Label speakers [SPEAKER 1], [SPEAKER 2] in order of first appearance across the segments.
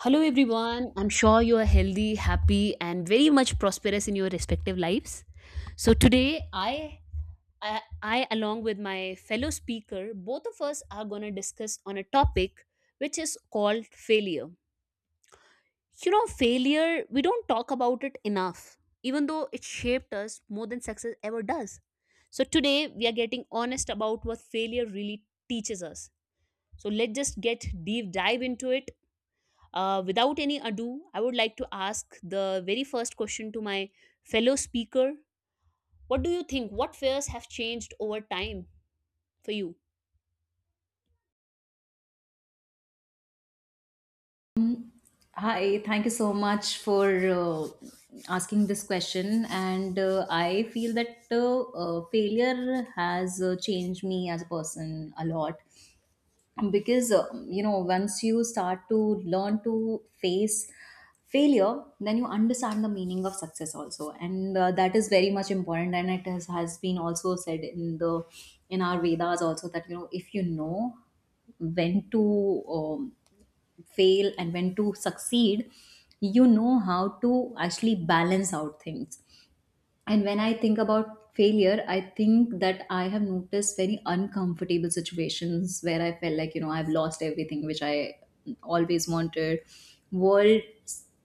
[SPEAKER 1] Hello, everyone. I'm sure you are healthy, happy, and very much prosperous in your respective lives. So today, I along with my fellow speaker, both of us are going to discuss on a topic which is called failure. You know, failure. We don't talk about it enough, even though it shaped us more than success ever does. So today, we are getting honest about what failure really teaches us. So let's just get deep dive into it without any ado, I would like to ask the very first question to my fellow speaker. What do you think? What fears have changed over time for you?
[SPEAKER 2] Hi, thank you so much for asking this question. And I feel that failure has changed me as a person a lot because, you know, once you start to learn to face failure, then you understand the meaning of success also. And that is very much important. And it has been also said in the in our Vedas also that, you know, if you know when to fail and when to succeed, you know how to actually balance out things. And when I think about failure, I think that I have noticed very uncomfortable situations where I felt like, you know, I've lost everything which I always wanted. World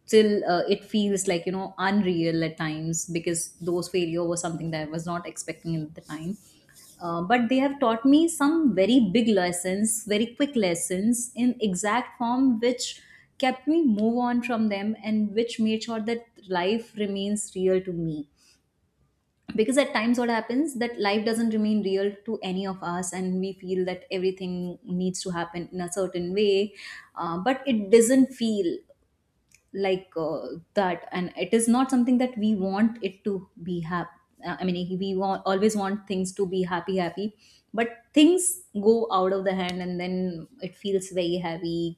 [SPEAKER 2] still, it feels like, you know, unreal at times because those failure was something that I was not expecting at the time. But they have taught me some very big lessons, very quick lessons in exact form, which kept me move on from them and which made sure that life remains real to me, because at times what happens that life doesn't remain real to any of us and we feel that everything needs to happen in a certain way, but it doesn't feel like that, and it is not something that we want it to be happy. I mean, always want things to be happy happy, but things go out of the hand and then it feels very heavy,